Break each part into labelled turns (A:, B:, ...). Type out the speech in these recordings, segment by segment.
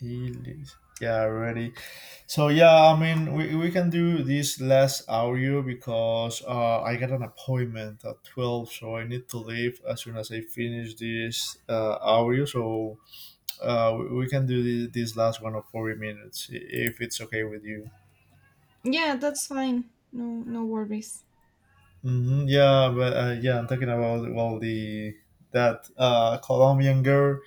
A: Elise. Yeah, ready. So yeah, I mean, we can do this last audio because I got an appointment at 12, so I need to leave as soon as I finish this audio. So we can do this last one of 40 minutes if it's okay with you.
B: Yeah, that's fine. No, no worries.
A: Hmm, yeah, but yeah, I'm talking about, well, the that Colombian girl.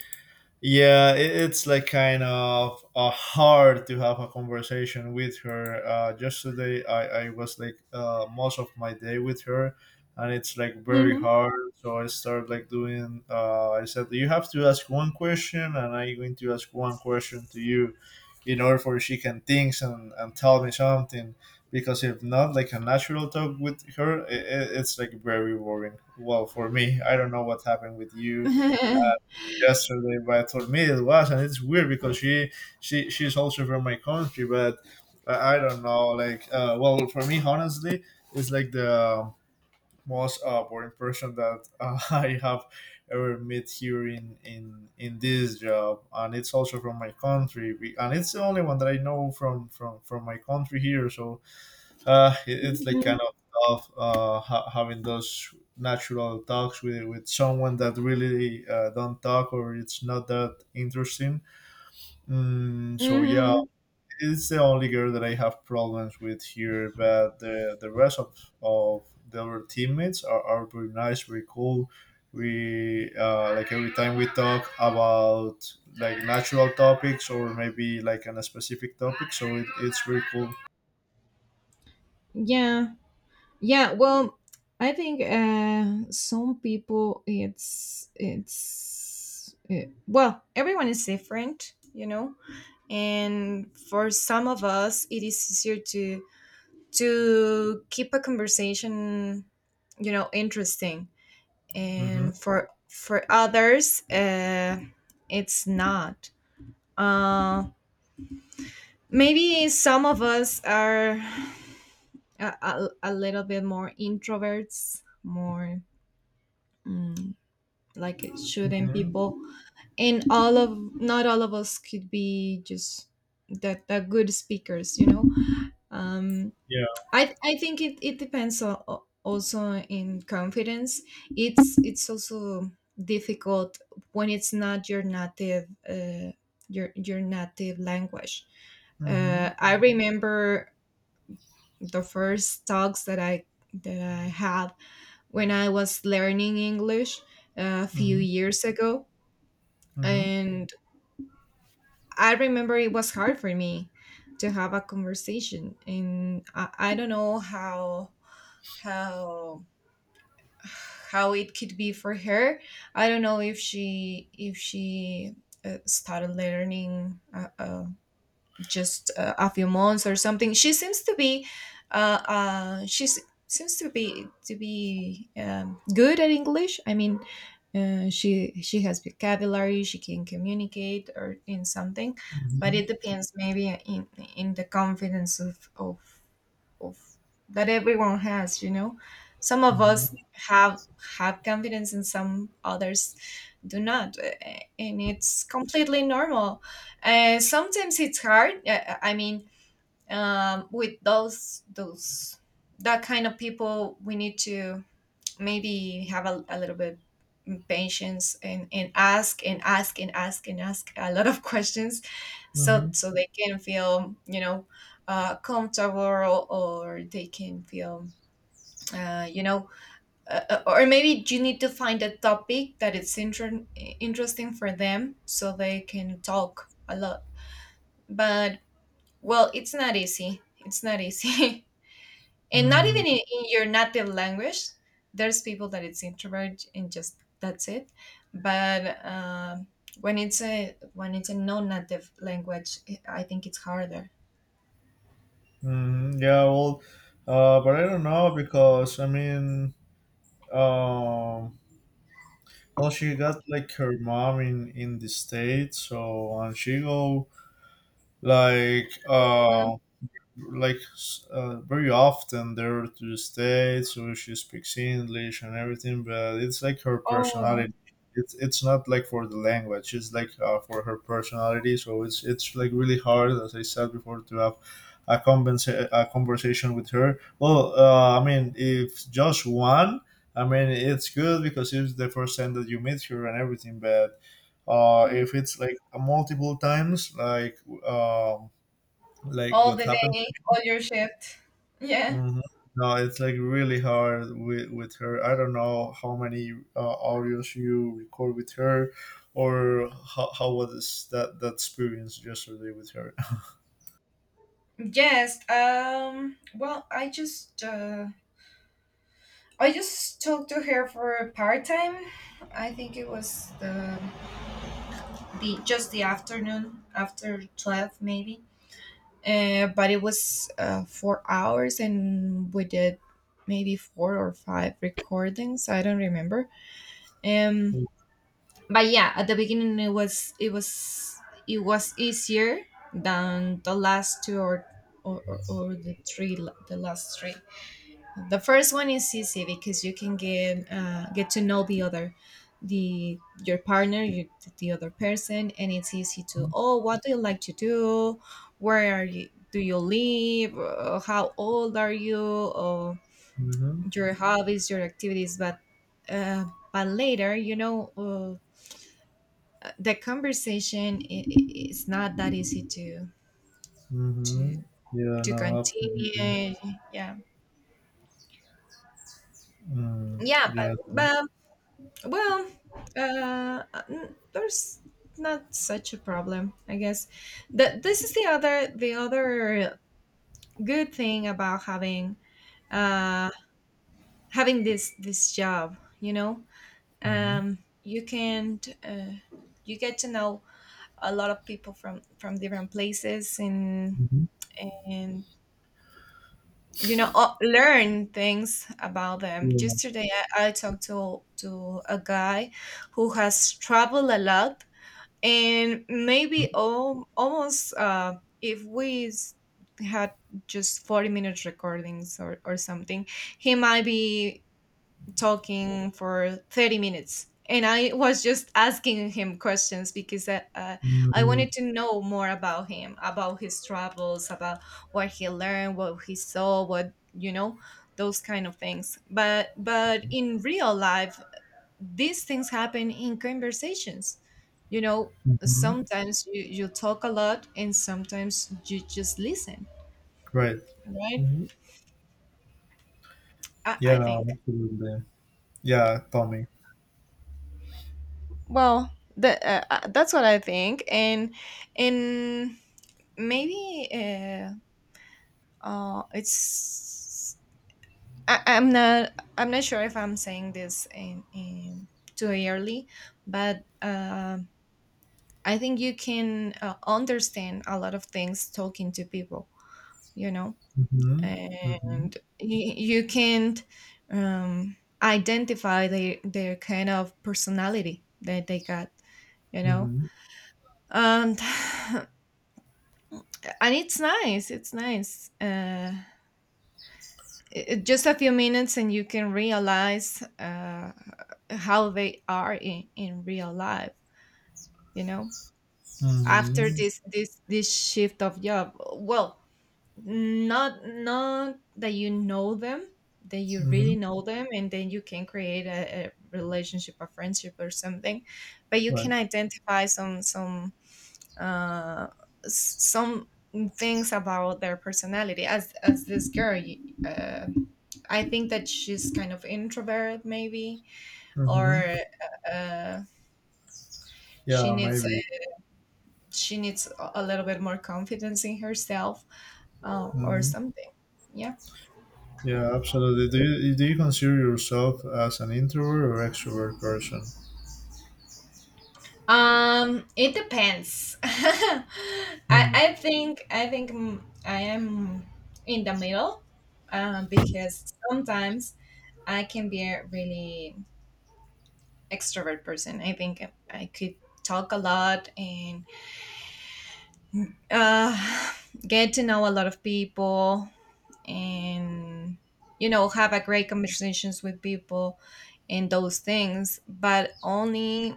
A: Yeah, it, it's like kind of hard to have a conversation with her. Yesterday I was like most of my day with her, and it's like very
B: Mhm.
A: hard, so I start like doing I said you have to ask one question and I'm going to ask one question to you in order for she can think and tell me something, because if not like a natural talk with her, it, it's like very boring, well, for me. I don't know what happened with you
B: Mhm.
A: yesterday, but for me it was, and it's weird because she she's also from my country, but I don't know. Like, well, for me, honestly, it's like the most boring person that I have ever met here in in this job, and it's also from my country, and it's the only one that I know from from my country here. So it's like kind of tough having those natural talks with someone that really don't talk or it's not that interesting. Mm, so yeah,
B: Mhm.
A: it's the only girl that I have problems with here, but the rest of the other teammates are very nice, very cool. We like every time we talk about like natural topics or maybe like on a specific topic, so it, it's very cool.
B: Yeah, yeah. Well, I think some people, it's well, everyone is different, you know. And for some of us, it is easier to keep a conversation interesting.
A: Hmm.
B: And for others, it's not. Uh, Maybe some of us are a little bit more introverts, more mm, like shooting
A: Hmm.
B: people, and all of not all of us could be just that That good speakers you know um I think it depends on, also, in confidence. It's also difficult when it's not your native, your native language.
A: Mhm.
B: I remember the first talks that I had when I was learning English, a few
A: Mhm.
B: years ago,
A: Mhm.
B: and I remember it was hard for me to have a conversation, and I don't know how how how it could be for her. I don't know if she started learning a just a few months or something. She seems to be, uh, uh, she s- seems to be good at English. I mean, she has vocabulary. She can communicate or in something, but
A: Mhm.
B: it depends maybe in the confidence of of that everyone has, you know. Some of
A: Mhm.
B: us have confidence, and some others do not, and it's completely normal. Sometimes it's hard. I mean, with those that kind of people, we need to maybe have a little bit patience, and ask and ask and ask and ask a lot of questions, so
A: Mhm.
B: so they can feel, comfortable, or they can feel, uh, you know or maybe you need to find a topic that is interesting for them, so they can talk a lot. But well, it's not easy, it's not easy. And not
A: Mm,
B: even in your native language there's people that it's introvert, and just that's it. But when it's a non-native language, I think it's harder.
A: mhm. Yeah, well, but I don't know, because I mean, um, well, she got like her mom in the states, so and she go like
B: Mm.
A: um like very often there to the states, so she speaks English and everything, but it's like her
B: Oh,
A: personality. It's not like for the language, it's like for her personality, so it's like really hard, as I said before, to have a, a conversation with her. Well, I mean, if just one, I mean it's good because it's the first time that you meet her and everything, but
B: mhm.
A: if it's like multiple times um, like
B: All
A: what
B: the
A: happened.
B: day, all your shift, yeah.
A: Mhm. No, it's like really hard with her. I don't know how many audios you record with her, or how was that experience yesterday with her?
B: Yes, well, I just talked to her for part-time. I think it was the just the afternoon after 12 maybe. But it was, 4 hours, and we did maybe four or five recordings, I don't remember. um but yeah, at the beginning it was it was it was easier than the last two or the last three. The first one is easy because you can get to know the other, the your partner, the other person, and it's easy to, oh, what do you like to do? Where are you? Do you live? How old are you? Or
A: Mm-hmm.
B: your hobbies, your activities. But uh, later, the conversation is not that easy to to
A: Mm-hmm. Yeah. No. Absolutely.
B: continue. Yeah,
A: Mm,
B: yeah, but,
A: yeah.
B: but well, uh, there's not such a problem, I guess. That, this is the other good thing about having, uh, having this job. You know,
A: Mm-hmm.
B: um, you can uh, you get to know a lot of people from different places, and
A: Mm-hmm.
B: and learn things about them.
A: Yeah.
B: Just today, I talked to a guy who has traveled a lot, and maybe almost, if we had just 40-minute recordings or something, he might be talking for 30 minutes, and I was just asking him questions because I
A: Mm-hmm.
B: wanted to know more about him, about his travels, about what he learned, what he saw, what you know those kind of things. But in real life, these things happen in conversations, you know.
A: Mm-hmm.
B: Sometimes you talk a lot, and sometimes you just listen,
A: Right.
B: right.
A: Mm-hmm.
B: i,
A: Yeah.
B: I
A: No,
B: think,
A: absolutely. Yeah. Tommy.
B: well, that's what I think. And and maybe, it's I, i'm not I'm not sure if I'm saying this in too early. But I think you can, understand a lot of things talking to people, you know.
A: Mm-hmm. Mm-hmm.
B: And you can't identify their kind of personality that they got, you know.
A: Mm-hmm.
B: And and it's nice, it's nice, just a few minutes and you can realize, how they are in real life, you know. After
A: Mm-hmm.
B: this this shift of job, well, not that you know them, that you
A: Mm-hmm.
B: really know them, and then you can create a relationship, a friendship, or something. But you can
A: Right.
B: identify uh some things about their personality, as this girl, uh, I think that she's kind of introvert maybe, or
A: Mm-hmm.
B: uh she
A: Yeah,
B: needs,
A: maybe.
B: a little bit more confidence in herself, or
A: Hmm.
B: something, yeah.
A: Yeah, absolutely. Do you consider yourself as an introvert or extrovert person?
B: It depends. I think I am in the middle, because sometimes I can be a really extrovert person. I think I could talk a lot and, uh, get to know a lot of people, and have a great conversations with people, and those things, but only,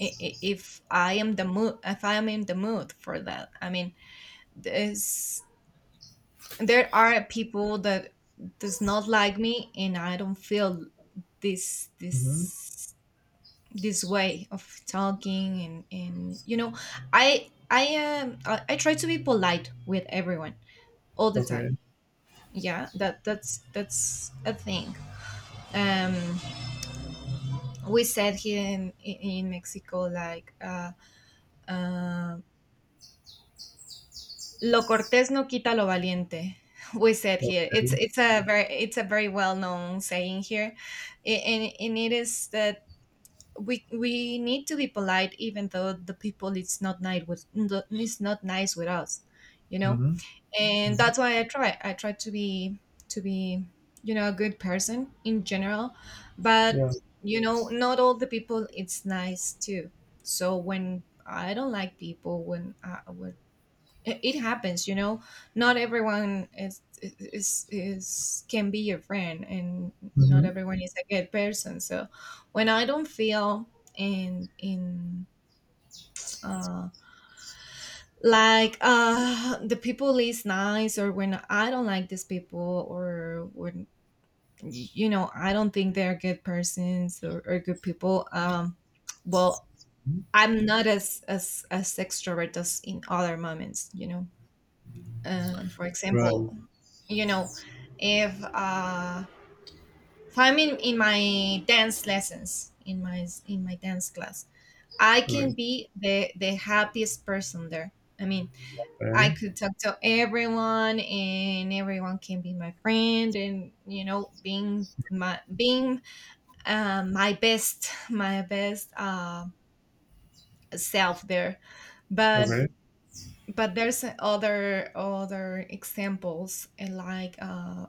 B: if I am the mood, if I am in the mood for that. I mean, there's there are people that does not like me, and I don't feel this
A: Mm-hmm.
B: this way of talking. And I try to be polite with everyone all the time.
A: Okay.
B: Yeah, that that's a thing. Um, we said here in Mexico, like. Um Lo cortés no quita lo valiente. We said here. It's
A: Okay.
B: a very well known saying here. And it is that we need to be polite, even though the people, it's not nice with us, you know.
A: Mm-hmm.
B: And
A: Hmm.
B: that's why I try. I try to be to be a good person in general, but
A: Yeah.
B: not all the people it's nice too. So when I don't like people, when when it happens, you know. Not everyone is can be your friend, and not
A: Mm-hmm.
B: everyone is a good person. So when I don't feel in, uh like, the people is nice, or when I don't like these people, or when I don't think they're good persons, or good people. Well, I'm not as extrovert as in other moments, you know. For
A: Right.
B: example, you know, if uh, if I'm in my dance lessons, in my dance class, I can
A: Okay.
B: be the happiest person there. I mean, I
A: Okay.
B: could talk to everyone, and everyone can be my friend, and being my being, my best my best self there. But
A: Okay.
B: there's other examples, like,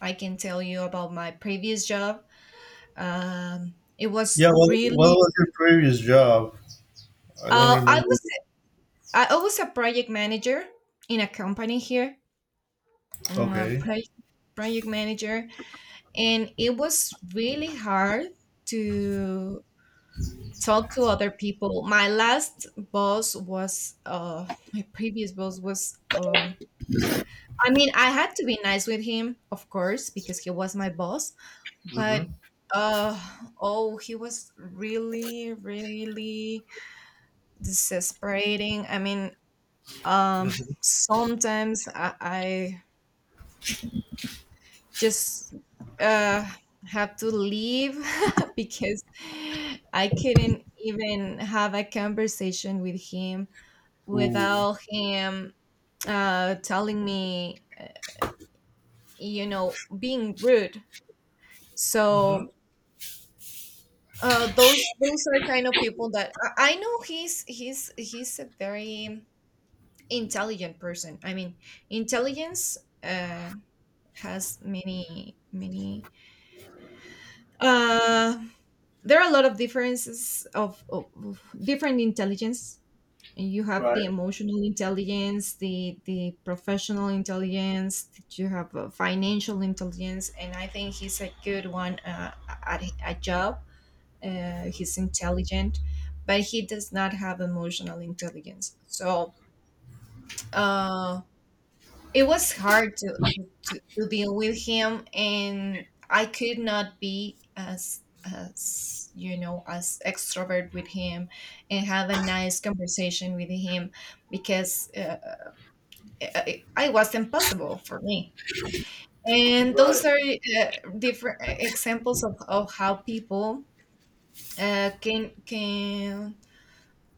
B: I can tell you about my previous job. It was
A: Yeah. Well, what
B: really,
A: was your previous job? I don't
B: I
A: remember.
B: was, a project manager in a company here, a
A: Okay.
B: project manager, and it was really hard to talk to other people. My previous boss was, I mean, I had to be nice with him, of course, because he was my boss. But
A: Mm-hmm.
B: uh, oh, he was really, really desesperating. I mean,
A: Mm-hmm.
B: sometimes I just, uh, had to leave because I couldn't even have a conversation with him
A: Ooh.
B: without him, telling me, being rude. So those are kind of people that I know he's a very intelligent person. I mean, intelligence, uh, has many many. Uh, there are a lot of differences of, different intelligence. You have
A: Right.
B: the emotional intelligence, the professional intelligence. You have financial intelligence, and I think he's a good one at a job. He's intelligent, but he does not have emotional intelligence, so uh, it was hard to deal with him, and I could not be as you know as extrovert with him, and have a nice conversation with him, because I was impossible for me. And those
A: Right.
B: are different examples of how people can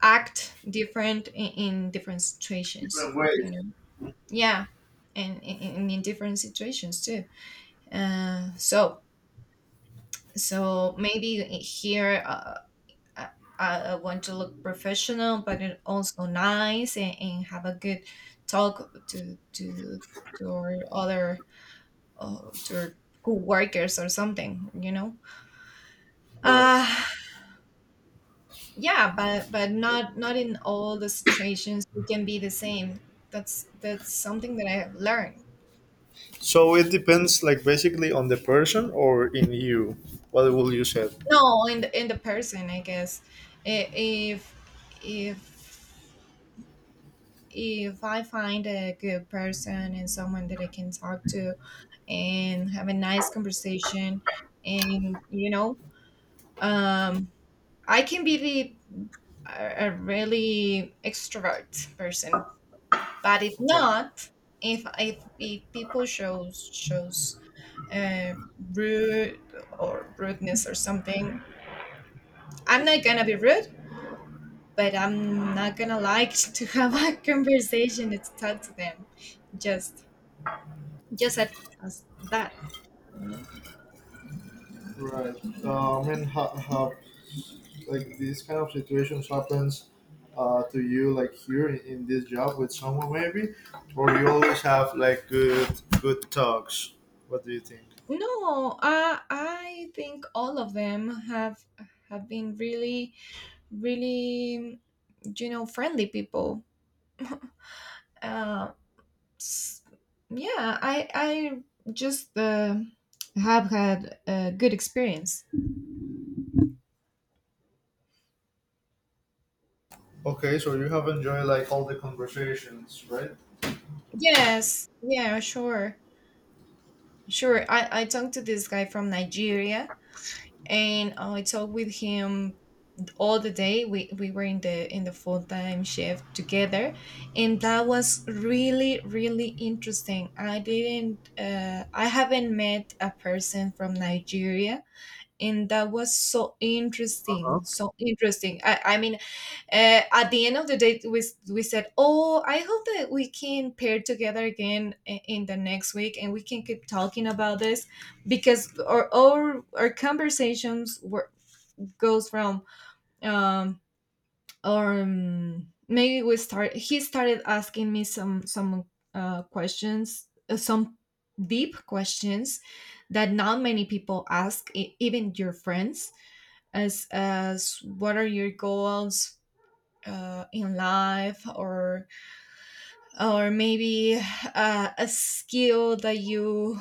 B: act different in different
A: Different
B: situations you
A: ways.
B: know Yeah. And in different situations too. So maybe here, I, I want to look professional, but it also nice, and have a good talk to our other, to our co-workers or something
A: Right.
B: uh yeah, but not in all the situations we can be the same. That's something that I have learned.
A: So it depends, like, basically, on the person or in you. What will you say?
B: No, in the person, I guess. I- if if if I find a good person and someone that I can talk to, and have a nice conversation, and you know um I can be the a really extrovert person. But if
A: Okay.
B: not. If people shows uh, rude, or rudeness or something, I'm not gonna be rude, but I'm not gonna like to have a conversation to talk to them. just just at, as that you know
A: Right. I mean, like these kind of situations happens to you, like here in this job with someone maybe, or you always have like good talks. What do you think?
B: no, I think all of them have been really, really, friendly people. Um, S- yeah, I just have had a good experience.
A: Okay, so you have enjoyed like all the conversations, right?
B: Yes, yeah, sure, sure I talked to this guy from Nigeria, and I talked with him all the day. We were in the full-time shift together, and that was really, really interesting. I haven't met a person from Nigeria, and that was so interesting, so interesting, I mean. At the end of the day we said, "Oh, I hope that we can pair together again in the next week, and we can keep talking about this." Because our conversations were, goes from, um or maybe we start he started asking me some questions, some deep questions, that not many people ask, even your friends, as what are your goals in life, or maybe a skill that you,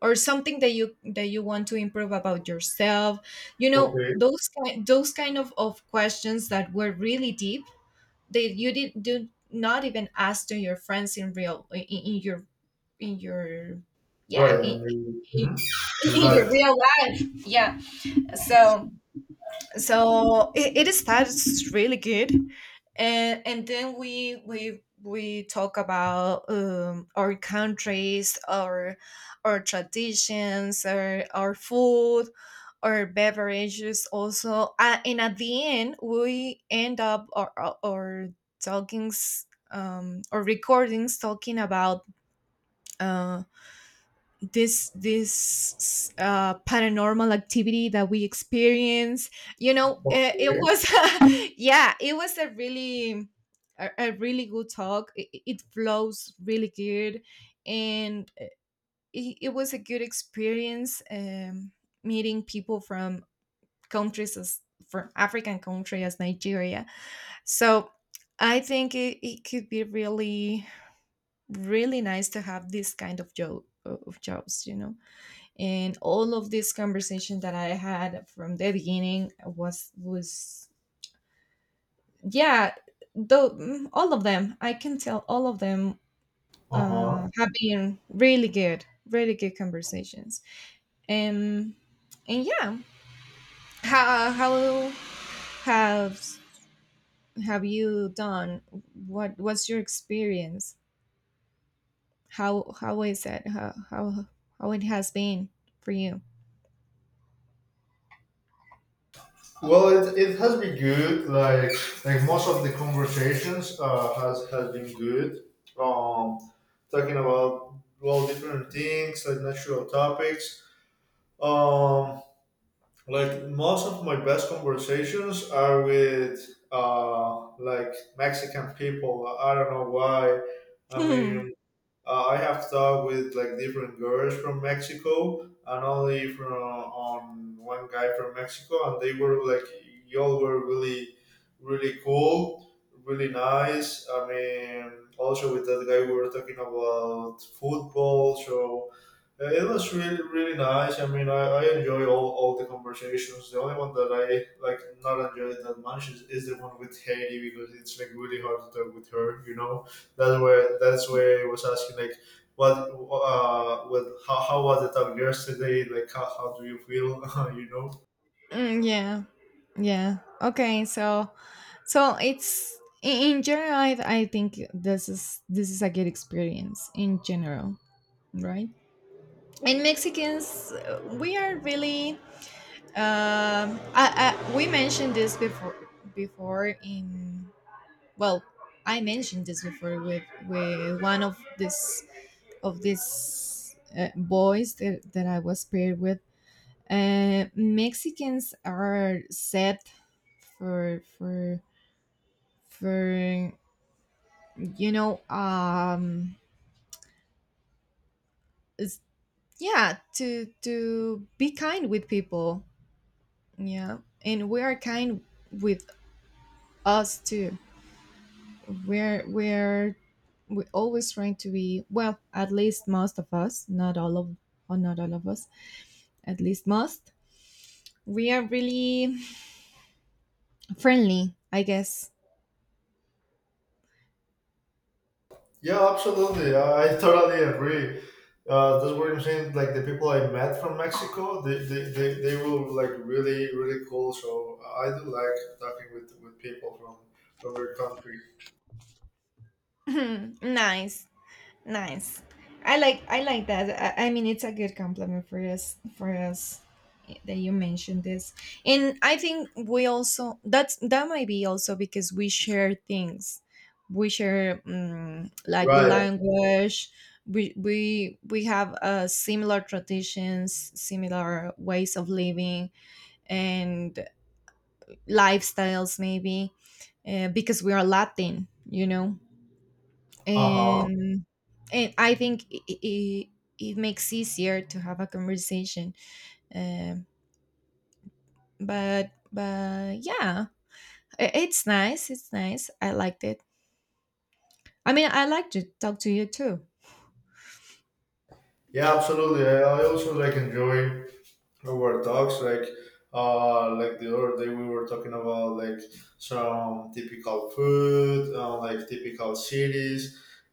B: or something that you want to improve about yourself, you know,
A: Okay.
B: those kind of questions that were really deep, that you did do not even ask to your friends in real, in your yeah,
A: Right. And you,
B: in,
A: mhm, you
B: in your
A: like.
B: real life, yeah. So so it starts really good. And then we talk about, our countries, our traditions, our food, our beverages. Also, and at the end, we end up our talkings. Or recordings talking about uh, this paranormal activity that we experience. It, it
A: Okay.
B: was Yeah, it was a really, a really good talk. It flows really good, and it was a good experience, meeting people from countries as, from African country as Nigeria. So I think it could be really, really nice to have this kind of job, of jobs. And all of this conversation that I had from the beginning was, yeah, though, all of them I can tell, all of them
A: Uh
B: uh
A: huh.
B: have been really good, really good conversations. And and yeah. How Have you done? What's your experience? How is it How it has been for you?
A: Well, it has been good. Like most of the conversations has been good. Um, Talking about, well, different things like natural topics. Um, like most of my best conversations are with like Mexican people. I don't know why. I mean,
B: Hmm.
A: I have talked with like different girls from Mexico and only from on one guy from Mexico, and they were like y'all were really, really cool, really nice. I mean, also with that guy we were talking about football, so it was really really nice. I mean, I enjoy all the conversations. The only one that I like not enjoyed that much is the one with Haiti because it's like really hard to talk with her, you know. That's where I was asking like what with how was the talk yesterday? Like how do you feel? You know?
B: Mm, yeah, yeah, okay. So it's, in general, I think this is a good experience in general, right? And Mexicans, we are really. We mentioned this before, before in well, I mentioned this before with one of this, of these boys, that I was paired with. Mexicans are set, for for for you know um it's, yeah, to be kind with people. Yeah. And we are kind with us too. we're we're we always trying to be, well, at least most of us, not all of or not all of us. At least most, we are really friendly, I guess.
A: Yeah, absolutely. I totally agree. That's what I'm saying. Like the people I met from Mexico, they were like really really cool. So I do like talking with people from your country.
B: nice Nice. I like that. I mean, it's a good compliment for us, that you mentioned this. And I think we also, that might be also because we share things. We share, like, the
A: Right.
B: language. We have similar traditions, similar ways of living, and lifestyles maybe, because we are Latin. You know,
A: Uh huh.
B: and and I think it makes easier to have a conversation. Um, but yeah, it's nice. It's nice. I liked it. I mean, I like to talk to you too.
A: Yeah, absolutely. I also like enjoy our talks like the other day we were talking about like some typical food, like typical cities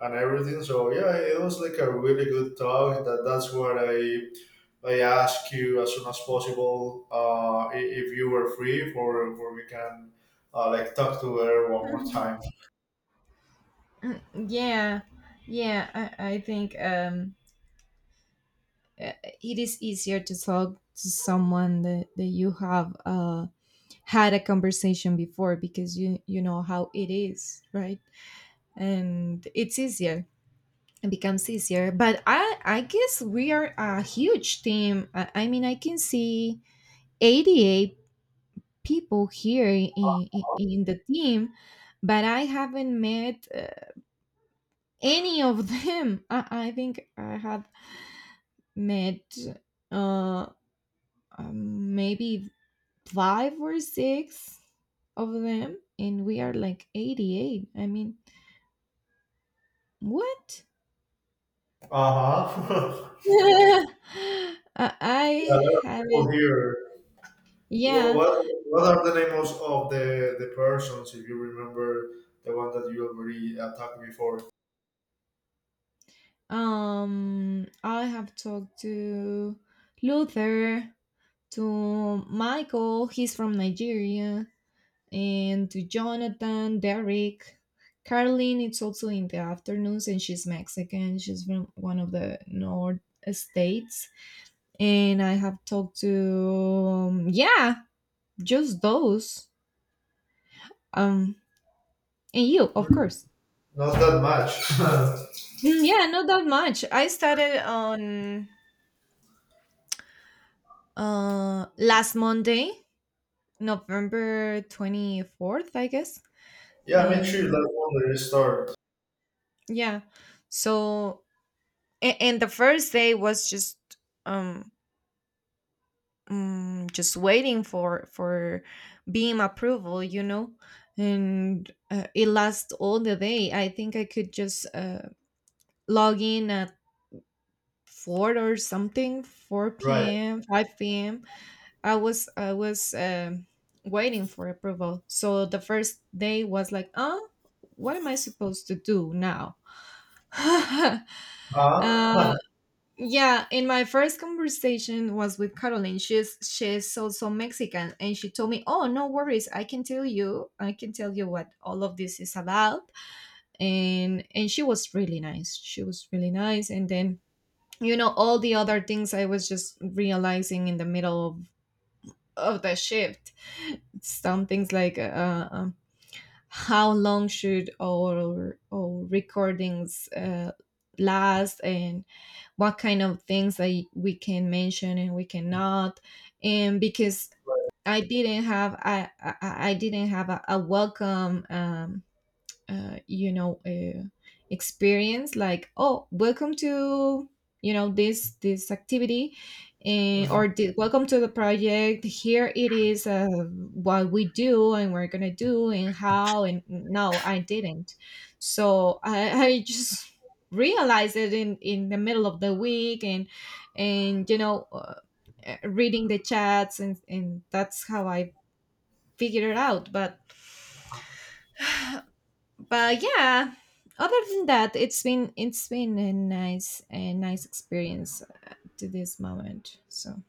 A: and everything. So yeah, it was like a really good talk. That that's what I ask you as soon as possible, I- if you were free for we can like talk to her one more
B: Mhm.
A: time.
B: Yeah, yeah. I think it is easier to talk to someone that you have. Had a conversation before because you know how it is, right? And it's easier, it becomes easier but I guess we are a huge team. I mean, I can see 88 people here, in the team, but I haven't met any of them. I think I have met uh maybe five or six of them, and we are like 88, I mean, what?
A: Uh-huh. Yeah, there
B: I
A: are people
B: haven't.
A: here.
B: Yeah.
A: What are the names of the persons, if you remember the one that you already talked before?
B: I have talked to Luther, to Michael, he's from Nigeria, and to Jonathan, Derek. Caroline, it's also in the afternoons, and she's Mexican. She's from one of the North states. And I have talked to, yeah, just those. Um, and you, of
A: Mm,
B: course.
A: not that much.
B: Mm, yeah, not that much. I started on last Monday, November 24th, I guess.
A: Yeah, make sure
B: And
A: that one there is start.
B: yeah, so and the first day was just um. Mm, just waiting for beam approval, you know. And it lasts all the day. I think I could just, log in at four or something, four
A: Right.
B: p.m., 5 p.m. I was, waiting for approval. So the first day was like, "Oh, what am I supposed to do now?" uh,
A: Uh-huh.
B: yeah, in my first conversation was with Caroline. She's also Mexican, and she told me, "Oh, no worries. I can tell you. I can tell you what all of this is about." And she was really nice. She was really nice. And then, you know, all the other things I was just realizing in the middle of the shift. Some things like, how long should our recordings last, and what kind of things that we can mention and we cannot. And because I didn't have a welcome, you know, experience, like, "Oh, welcome to, you know, this activity, and or the, welcome to the project, here it is, what we do, and we're gonna do, and how." And no, I didn't. So, I just realized it in the middle of the week, and you know, reading the chats, and that's how I figured it out. But yeah, other than that, it's been a nice, a nice experience to this moment. So,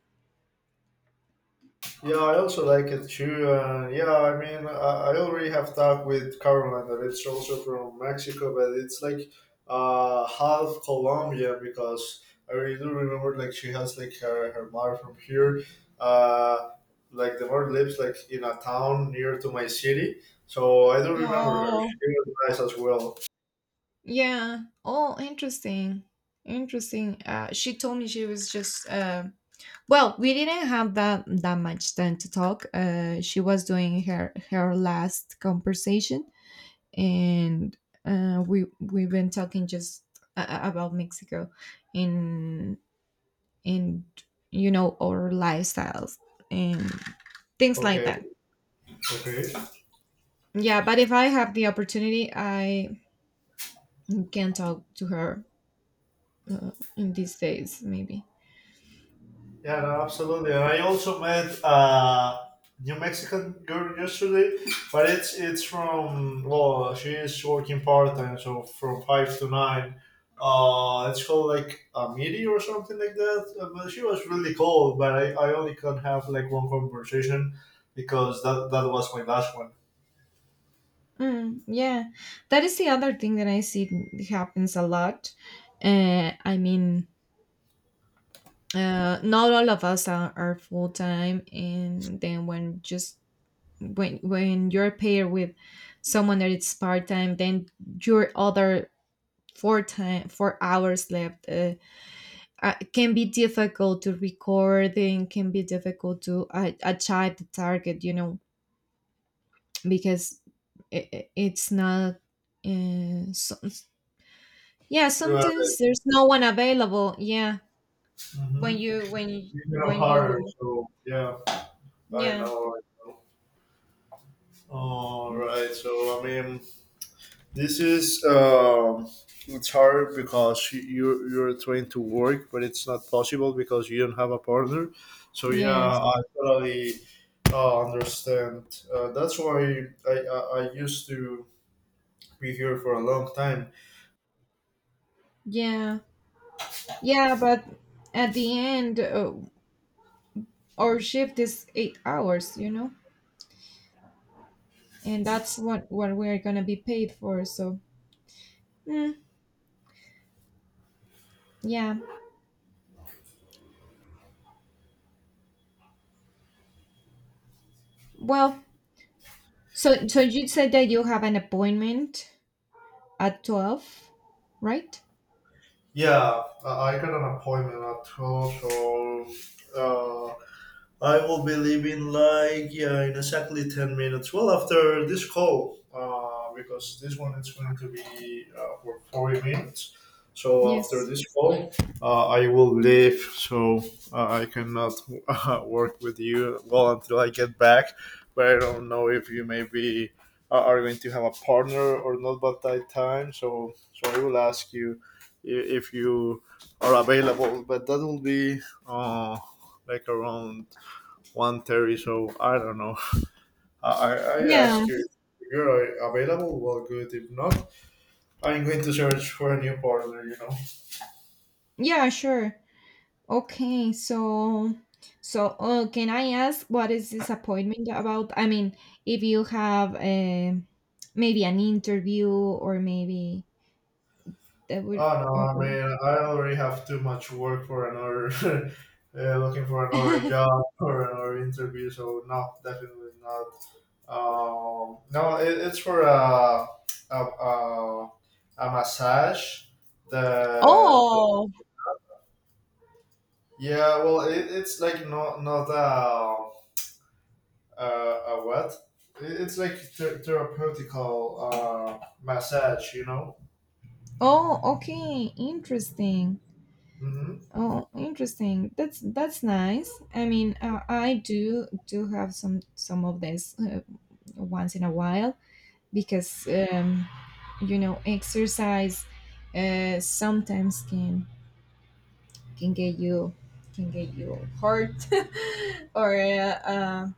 A: Yeah, I also like it too. Yeah, I mean, I already have talked with Caroline, that it's also from Mexico, but it's like half Colombian, because I really do remember like she has like her, her mother from here. Uh, like the mother lives like in a town near to my city, so I do remember her. She
B: oh,
A: was nice as well.
B: yeah. Oh Interesting, interesting. She told me, she was just, well, we didn't have that much time to talk. She was doing her last conversation, and we've been talking just, about Mexico, and, and you know, our lifestyles, and things like
A: Okay,
B: that.
A: okay.
B: Yeah, but if I have the opportunity, I can talk to her, in these days maybe.
A: Yeah, no, absolutely. And I also met a New Mexican girl yesterday, but it's from, well, she is working part time, so from 5 to 9. It's called like a meteor or something like that. But she was really cool. But I only could have like one conversation because that was my last one.
B: Mm, yeah, that is the other thing that I see happens a lot. I mean, not all of us are full time, and then, when just when you're paired with someone that is part time, then your other 4 hours left, can be difficult to record, and can be difficult to achieve the target, you know, because it it's not. So, yeah,
A: Right.
B: sometimes there's no one available. Yeah, when
A: Mm-hmm.
B: you when
A: You know
B: when
A: her,
B: you
A: so yeah. I
B: yeah.
A: know. I know. All right. So, I mean, this is it's hard because you're trying to work, but it's not possible because you don't have a partner. So
B: Yes.
A: yeah, I totally understand. That's why I used to be here for a long time.
B: Yeah, yeah, but at the end, our shift is 8 hours, you know, and that's what we're gonna be paid for. So, mm, yeah. Well, so you said that you have an appointment at 12, right?
A: Yeah, I got an appointment at 12, so uh, I will be leaving like, yeah, in exactly 10 minutes. Well, after this call, because this one is going to be for 40 minutes. So after
B: Yes.
A: this call, I will leave. So I cannot work with you well until I get back. But I don't know if you maybe are going to have a partner or not by that time. So I will ask you if you are available. But that will be uh, like around 1:30, so I don't know. I
B: Yeah.
A: ask you if you're available, well, good. If not, I'm going to search for a new partner, you know.
B: Yeah. Sure. Okay. So, can I ask what is this appointment about? I mean, if you have, a maybe an interview, or maybe. That would.
A: Oh, no,
B: Or
A: I mean, I already have too much work for another, looking for another job or another interview, so no, definitely not. No, it's for a, a, a massage. The
B: Oh.
A: yeah, well, it's like not not a a what? It's like therapeutical massage, you know.
B: Oh okay, interesting.
A: Mm-hmm.
B: Oh, interesting. That's nice. I mean, I do have some of this once in a while, because, you know, exercise sometimes can, can get you can get you hurt or, uh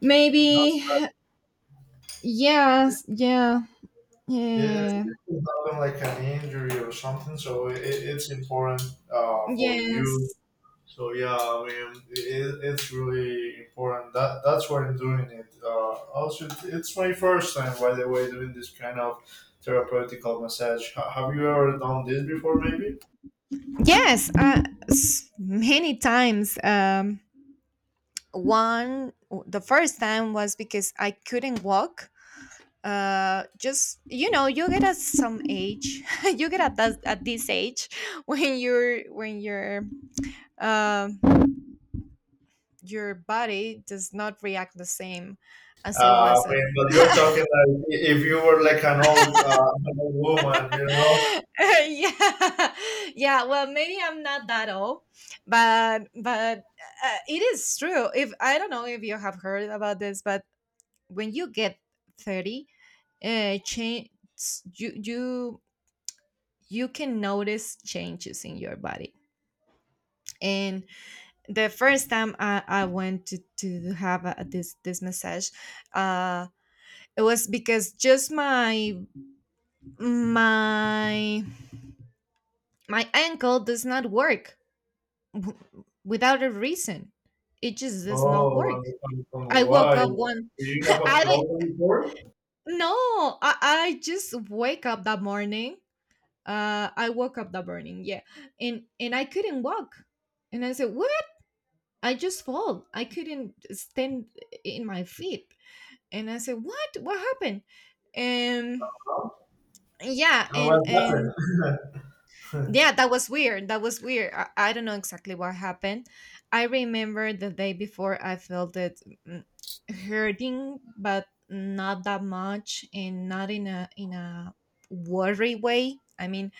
B: maybe. Yes, yeah,
A: It's
B: yeah.
A: not like an injury or something, so it's important for you.
B: yes
A: So yeah, I mean, it's really important. That that's why I'm doing it. Also, it's my first time, by the way, doing this kind of therapeutical massage. Have you ever done this before, maybe?
B: Yes, many times. One, the first time was because I couldn't walk. Just, you know, you get at some age, you get at at this age, when you're, um, your body does not react the same as it
A: I
B: was at.
A: mean, but you're talking like if you were like an old woman, you know?
B: Yeah, yeah well, maybe I'm not that old, but it is true. If I don't know if you have heard about this, but when you get 30, change you you you can notice changes in your body. And the first time I went to have this massage, uh it was because just my my ankle does not work, without a reason. It just does not
A: Oh,
B: work.
A: and
B: I woke
A: why?
B: up
A: Do
B: one.
A: you have a
B: I didn't,
A: problem before?
B: No, I just wake up that morning. I woke up that morning, yeah, and I couldn't walk, and I said, "What?" I just fall. I couldn't stand in my feet, and I said, "What? What happened?" And yeah,
A: And what
B: and
A: happened?
B: Yeah, that was weird. That was weird. I don't know exactly what happened. I remember the day before I felt it mm, hurting, but not that much and not in a worry way. I mean,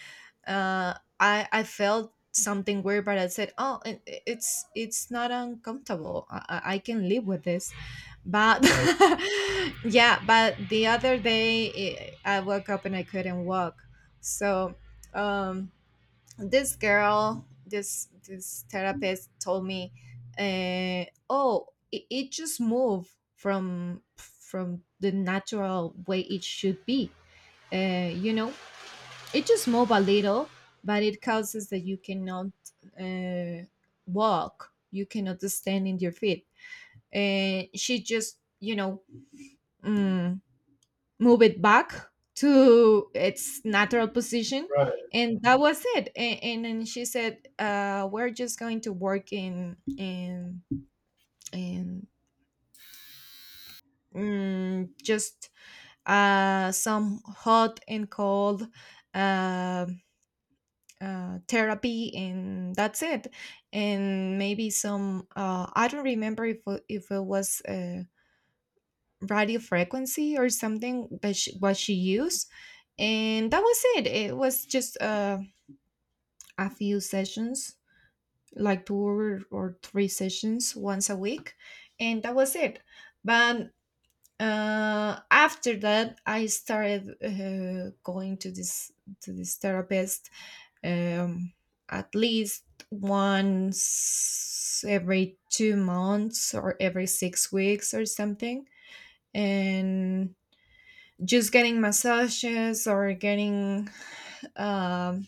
B: uh I felt something weird, but I said, "Oh, it's not uncomfortable. I can live with this." But
A: Right,
B: yeah, but the other day I woke up and I couldn't walk. So, um this girl this this therapist told me uh, oh, it just moved from the natural way it should be, you know, it just moved a little, but it causes that you cannot uh, walk, you cannot stand in your feet. And she just, you know, mm, move it back to its natural position.
A: right.
B: And
A: Hmm.
B: that was it, and then she said, we're just going to work in mm, just some hot and cold uh, therapy and that's it. And maybe some I don't remember if it was radio frequency or something that what she used. And that was it. It was just a few sessions, like two or three sessions once a week, and that was it. But after that, I started going to this therapist, um, at least once every two months or every six weeks or something, and just getting massages or getting, um,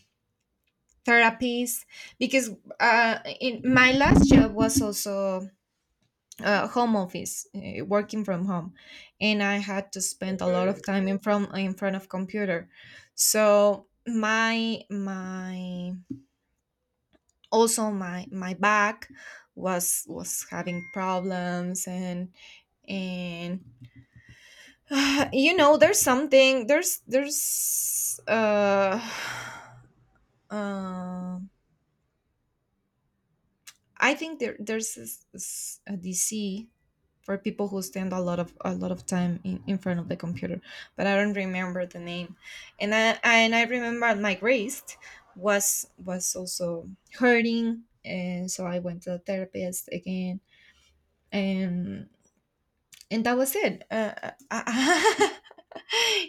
B: therapies, because in my last job was also home office, working from home, and I had to spend a lot
A: Okay,
B: of time in front of computer. So my also my back was having problems. And you know, there's something there's um I think there's a DC for people who spend a lot of time in front of the computer, but I don't remember the name. And I remember my wrist was also hurting, and so I went to the therapist again, and and that was it. I,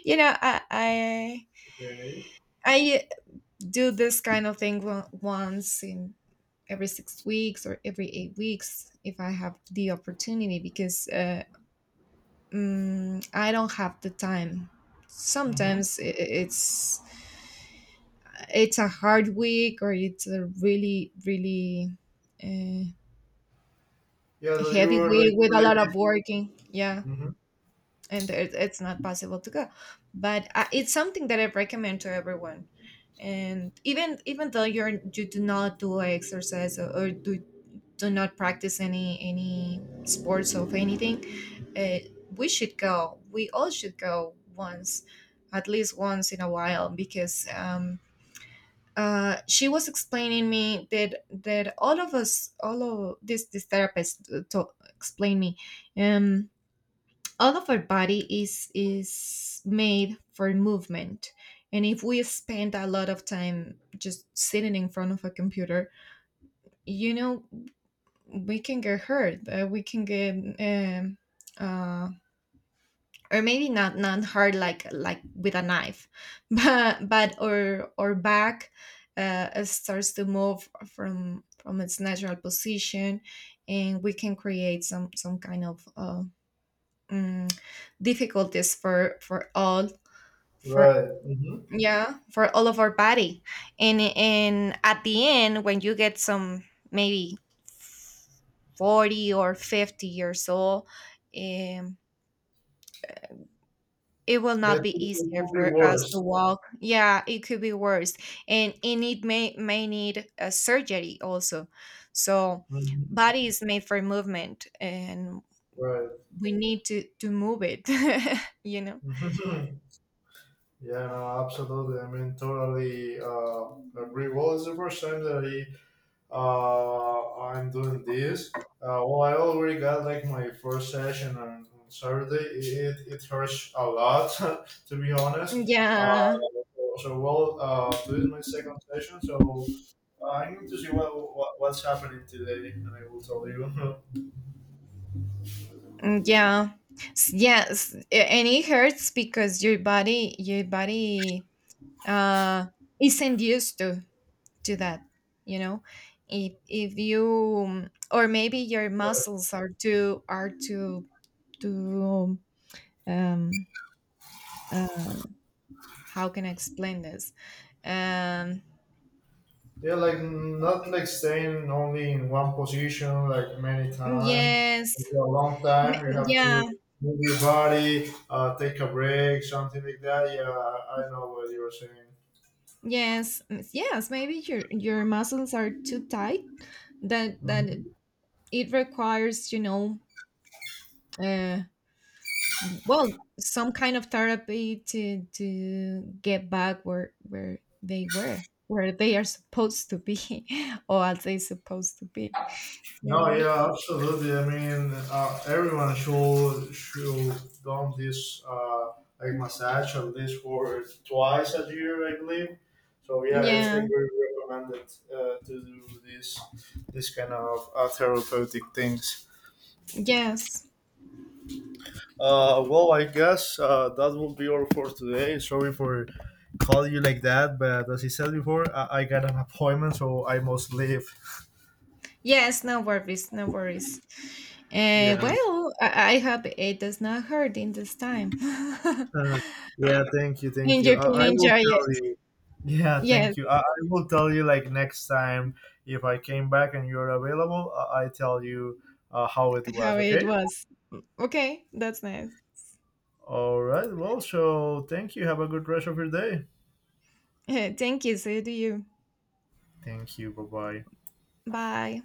B: you know, I.
A: okay.
B: I do this kind of thing once in every six weeks or every eight weeks if I have the opportunity, because I don't have the time.
A: Hmm.
B: Sometimes it's a hard week, or it's a really uh,
A: Yeah, that you
B: heavy
A: were
B: week
A: like
B: with a
A: really
B: lot
A: busy.
B: of working. Yeah.
A: Hmm.
B: And it's not possible to go, but it's something that I recommend to everyone. And even though you do not do exercise, or do do not practice any sports of anything. uh, we all should go once, at least once in a while, because she was explaining me that all of us, all of this this therapist to, explained me, um all of our body is made for movement. And if we spend a lot of time just sitting in front of a computer, you know, we can get hurt. We can get, um, uh, or maybe not, not hard like with a knife, but our back starts to move from its natural position, and we can create some kind of mm, difficulties for all for,
A: Right. Mm-hmm.
B: yeah, for all of our body. And at the end, when you get some, maybe 40 or 50 years old, um it will not
A: That could
B: be
A: it
B: easier
A: could be
B: for us to
A: worse.
B: walk. Yeah, it could be worse. And it may need a surgery also. So
A: Hmm.
B: body is made for movement, and
A: Right.
B: we need to move it. You know.
A: Mhm. Yeah, no, absolutely. I mean, totally agree. Well, it's the first time that I'm doing this. Well, I already got like my first session on Saturday. It hurts a lot, to be honest. Uh,
B: Yeah.
A: so, well, today is my second session, so I need to see what's happening today, and I will tell you.
B: Mm, yeah. Yes. And it hurts because your body uh isn't used to that, you know. If you, or maybe your muscles are too um uh, how can I explain this? Um
A: Yeah, like not like staying only in one position like many time.
B: yes.
A: For a long time, you have
B: Yeah,
A: to move your body, take a break, something like that. Yeah, I know what you were saying.
B: yes. Yes, maybe your muscles are too tight, that that
A: Mhm.
B: it requires, you know, uh. well, some kind of therapy to get back where they were, where they are supposed to be, or as they supposed to be, you
A: No,
B: know.
A: yeah, absolutely. I mean, everyone should done this like massage at least for twice a year, I believe. So yeah, it's
B: Yeah.
A: like very recommended to do this kind of therapeutic things.
B: Yes.
A: Well, I guess that will be all for today. Sorry for calling you like that, but as I said before, I got an appointment, so I must leave.
B: Yes, no worries, no worries.
A: Yeah.
B: Well, I hope it does not hurt in this time, and
A: Uh, yeah, thank you, thank you.
B: you can
A: I will
B: enjoy
A: tell
B: it.
A: you. Yeah, thank
B: Yes.
A: you. I will tell you like next time if I came back and you're available, I tell you how it
B: How
A: was,
B: it
A: okay?
B: was. Okay, that's nice.
A: All right, well, so thank you. Have a good rest of your day.
B: Thank you, so do you.
A: Thank you. Bye bye.
B: Bye.